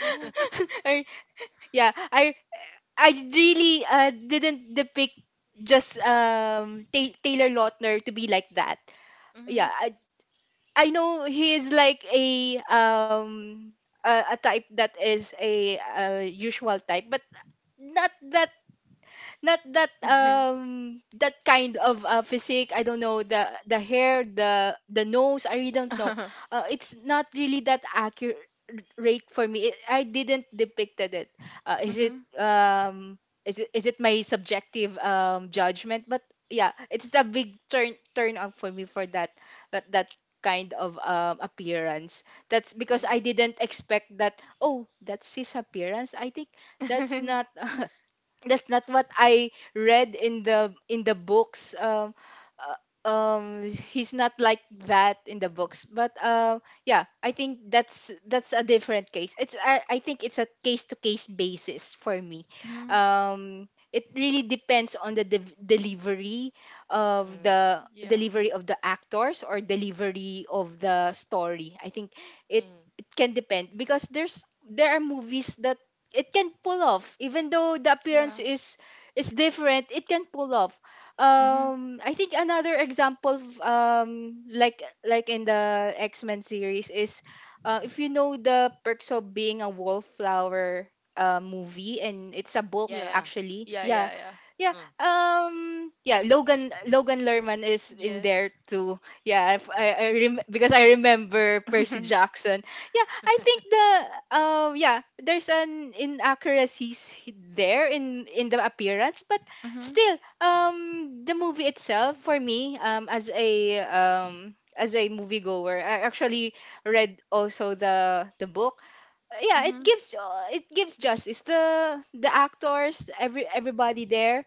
Speaker 3: Ooh.
Speaker 2: I, yeah, I really didn't depict just Taylor Lautner to be like that.
Speaker 3: Mm-hmm.
Speaker 2: Yeah, I know he is like a type that is a usual type, but not that not that that kind of physique. I don't know, the hair, the nose, I really don't know.
Speaker 3: mm-hmm.
Speaker 2: It's not really that accurate for me. I didn't depicted it. Uh, is it um is it is it my subjective judgment? But yeah, it's a big turn up for me for that kind of appearance. That's because I
Speaker 1: Mm-hmm.
Speaker 2: didn't expect that. Oh, that's his appearance. I think that's
Speaker 3: mm-hmm.
Speaker 2: not that's not what I read in the books. Uh, he's not like that in the books. But yeah, I think that's a different case. I think it's a case to case basis for me. It really depends on
Speaker 1: Mm-hmm.
Speaker 2: the
Speaker 3: Yeah.
Speaker 2: delivery of the actors or delivery of the story. I think it
Speaker 1: Mm-hmm.
Speaker 2: it can depend because there are movies that it can pull off, even though the
Speaker 3: Yeah.
Speaker 2: appearance is different, it can pull off.
Speaker 3: Mm-hmm.
Speaker 2: I think another example of, like in the X-Men series is, if you know The Perks of Being a Wallflower, movie, and it's a book
Speaker 1: Yeah.
Speaker 3: Yeah.
Speaker 1: Yeah.
Speaker 2: actually.
Speaker 3: Yeah,
Speaker 2: Yeah,
Speaker 3: yeah, yeah.
Speaker 2: yeah.
Speaker 1: Uh,
Speaker 2: Yeah, Logan Lerman is in there
Speaker 3: Yes.
Speaker 2: too. Yeah, if, I rem- because I remember Percy Jackson. Yeah, I think the yeah, there's an inaccuracies there in the appearance, but
Speaker 3: Mm-hmm.
Speaker 2: still the movie itself for me, as a moviegoer, I actually read also the book. Yeah, it
Speaker 3: Mm-hmm.
Speaker 2: gives justice the actors, everybody there.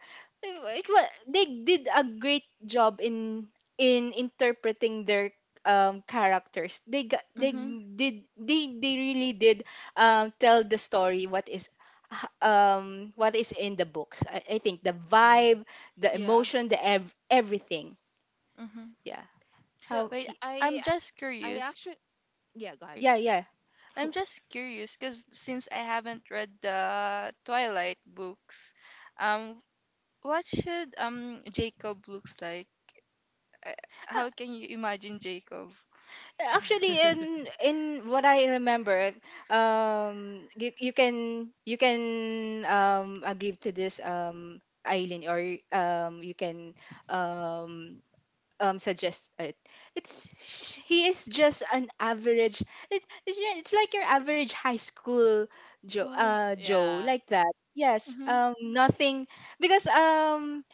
Speaker 2: They did a great job in interpreting their characters. they got, they
Speaker 3: Mm-hmm.
Speaker 2: did they they really did tell the story. What is in the books. I think the
Speaker 1: mm-hmm.
Speaker 2: vibe, the
Speaker 3: Yeah.
Speaker 2: emotion, everything.
Speaker 3: Mm-hmm.
Speaker 2: Yeah,
Speaker 1: So
Speaker 2: how
Speaker 3: Wait,
Speaker 2: y-
Speaker 1: I
Speaker 3: I'm just
Speaker 1: I
Speaker 3: curious.
Speaker 1: actually, yeah. Go ahead.
Speaker 3: Wait,
Speaker 2: yeah, yeah.
Speaker 3: I'm just curious because since I haven't read the Twilight books, um, what should Jacob looks like? Uh, How can you imagine Jacob?
Speaker 2: Actually, in in what I remember, you can agree to this, Eileen, or you can um suggest it. It's He is just an average. It's like your average high school
Speaker 3: Ooh.
Speaker 2: Joe,
Speaker 1: Yeah.
Speaker 2: like that. Yes.
Speaker 3: Mm-hmm.
Speaker 2: Nothing, because um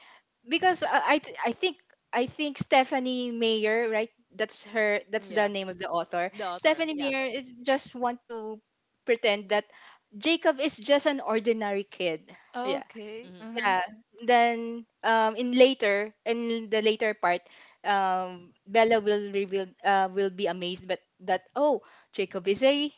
Speaker 2: because, I think Stephanie Mayer, right? That's her. That's the
Speaker 1: Yeah.
Speaker 2: name of the author.
Speaker 1: Daughter.
Speaker 2: Stephanie
Speaker 1: Yeah.
Speaker 2: Mayer is just want to pretend that Jacob is just an ordinary kid. Yeah,
Speaker 3: Okay.
Speaker 1: Mm-hmm.
Speaker 3: Uh-huh.
Speaker 2: yeah. Then, in the later part, Bella will be amazed, but that, oh, Jacob is a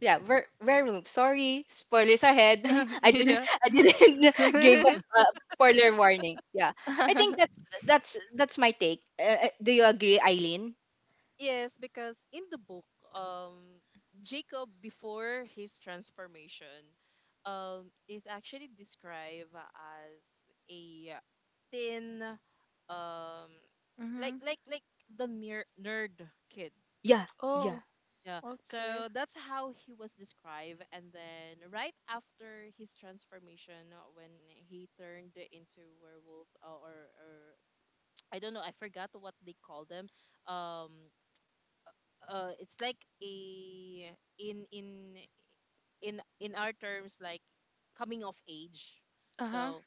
Speaker 2: yeah, very room. Sorry, spoilers ahead.
Speaker 3: Yeah.
Speaker 2: I didn't give us a spoiler warning. Yeah, I think that's my take. Do you agree, Eileen?
Speaker 1: Yes, because in the book, um, Jacob before his transformation, is actually described as a thin, um, like
Speaker 3: Mm-hmm.
Speaker 1: like like the nerd kid.
Speaker 2: Yeah, yeah,
Speaker 3: Oh,
Speaker 1: Yeah,
Speaker 3: okay.
Speaker 1: so that's how he was described, and then right after his transformation, when he turned into werewolf, or I don't know, I forgot what they call them. Um, uh, it's like a, in in in our terms, like coming of age.
Speaker 3: Uh-huh.
Speaker 1: So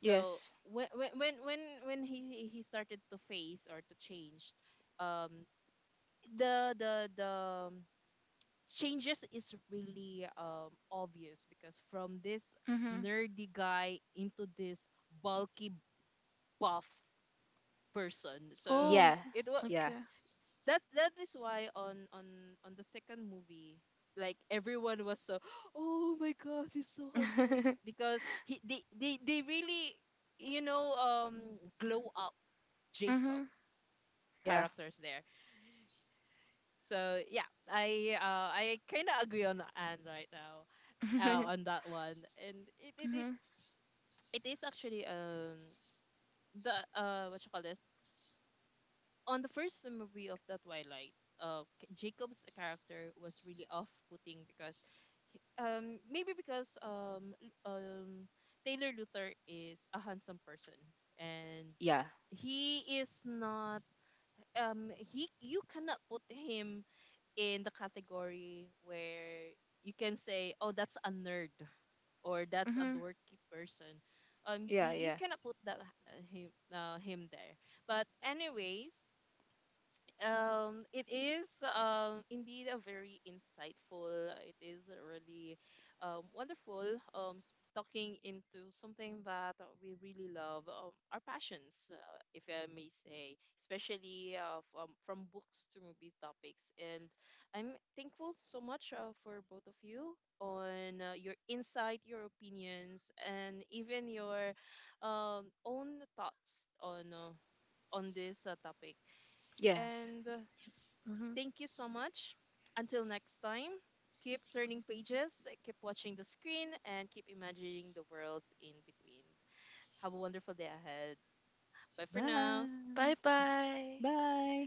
Speaker 1: so
Speaker 2: yes,
Speaker 1: when when when when when he started to face or to change um, the changes is really obvious, because from this
Speaker 3: Mm-hmm.
Speaker 1: nerdy guy into this bulky buff person. So
Speaker 3: Oh,
Speaker 2: yeah,
Speaker 1: it was,
Speaker 2: yeah,
Speaker 3: okay.
Speaker 1: that that is why on the second movie, like everyone was so oh my god, he's so handsome, because he they they really, you know, um, glow up Jacob
Speaker 3: Mhm.
Speaker 2: yeah,
Speaker 1: characters there. So yeah, I uh, I kind of agree on Anne right now on that one. And it
Speaker 3: Mhm.
Speaker 1: it, it
Speaker 3: Mhm.
Speaker 1: it is actually um, the uh, what you call this, on the first movie of the Twilight, K- Jacob's character was really off-putting, because he- maybe because L- Taylor Luther is a handsome person, and
Speaker 2: yeah,
Speaker 1: he is not um, he you cannot put him in the category where you can say oh that's a nerd, or that's a
Speaker 3: Mhm.
Speaker 1: dorky person. Um,
Speaker 2: yeah,
Speaker 1: y- you
Speaker 2: yeah.
Speaker 1: cannot put that him there. But anyways, um, it is indeed a very insightful, it is really wonderful um, s- talking into something that we really love our passions if I may say, especially from books to movie topics. And I'm thankful so much for both of you on your insight, your opinions, and even your own thoughts on this topic.
Speaker 2: Yes.
Speaker 1: And
Speaker 3: Mhm.
Speaker 1: thank you so much. Until next time, keep turning pages, keep watching the screen, and keep imagining the worlds in between. Have a wonderful day ahead. Bye for now.
Speaker 2: Bye.
Speaker 3: Bye bye.
Speaker 2: Bye.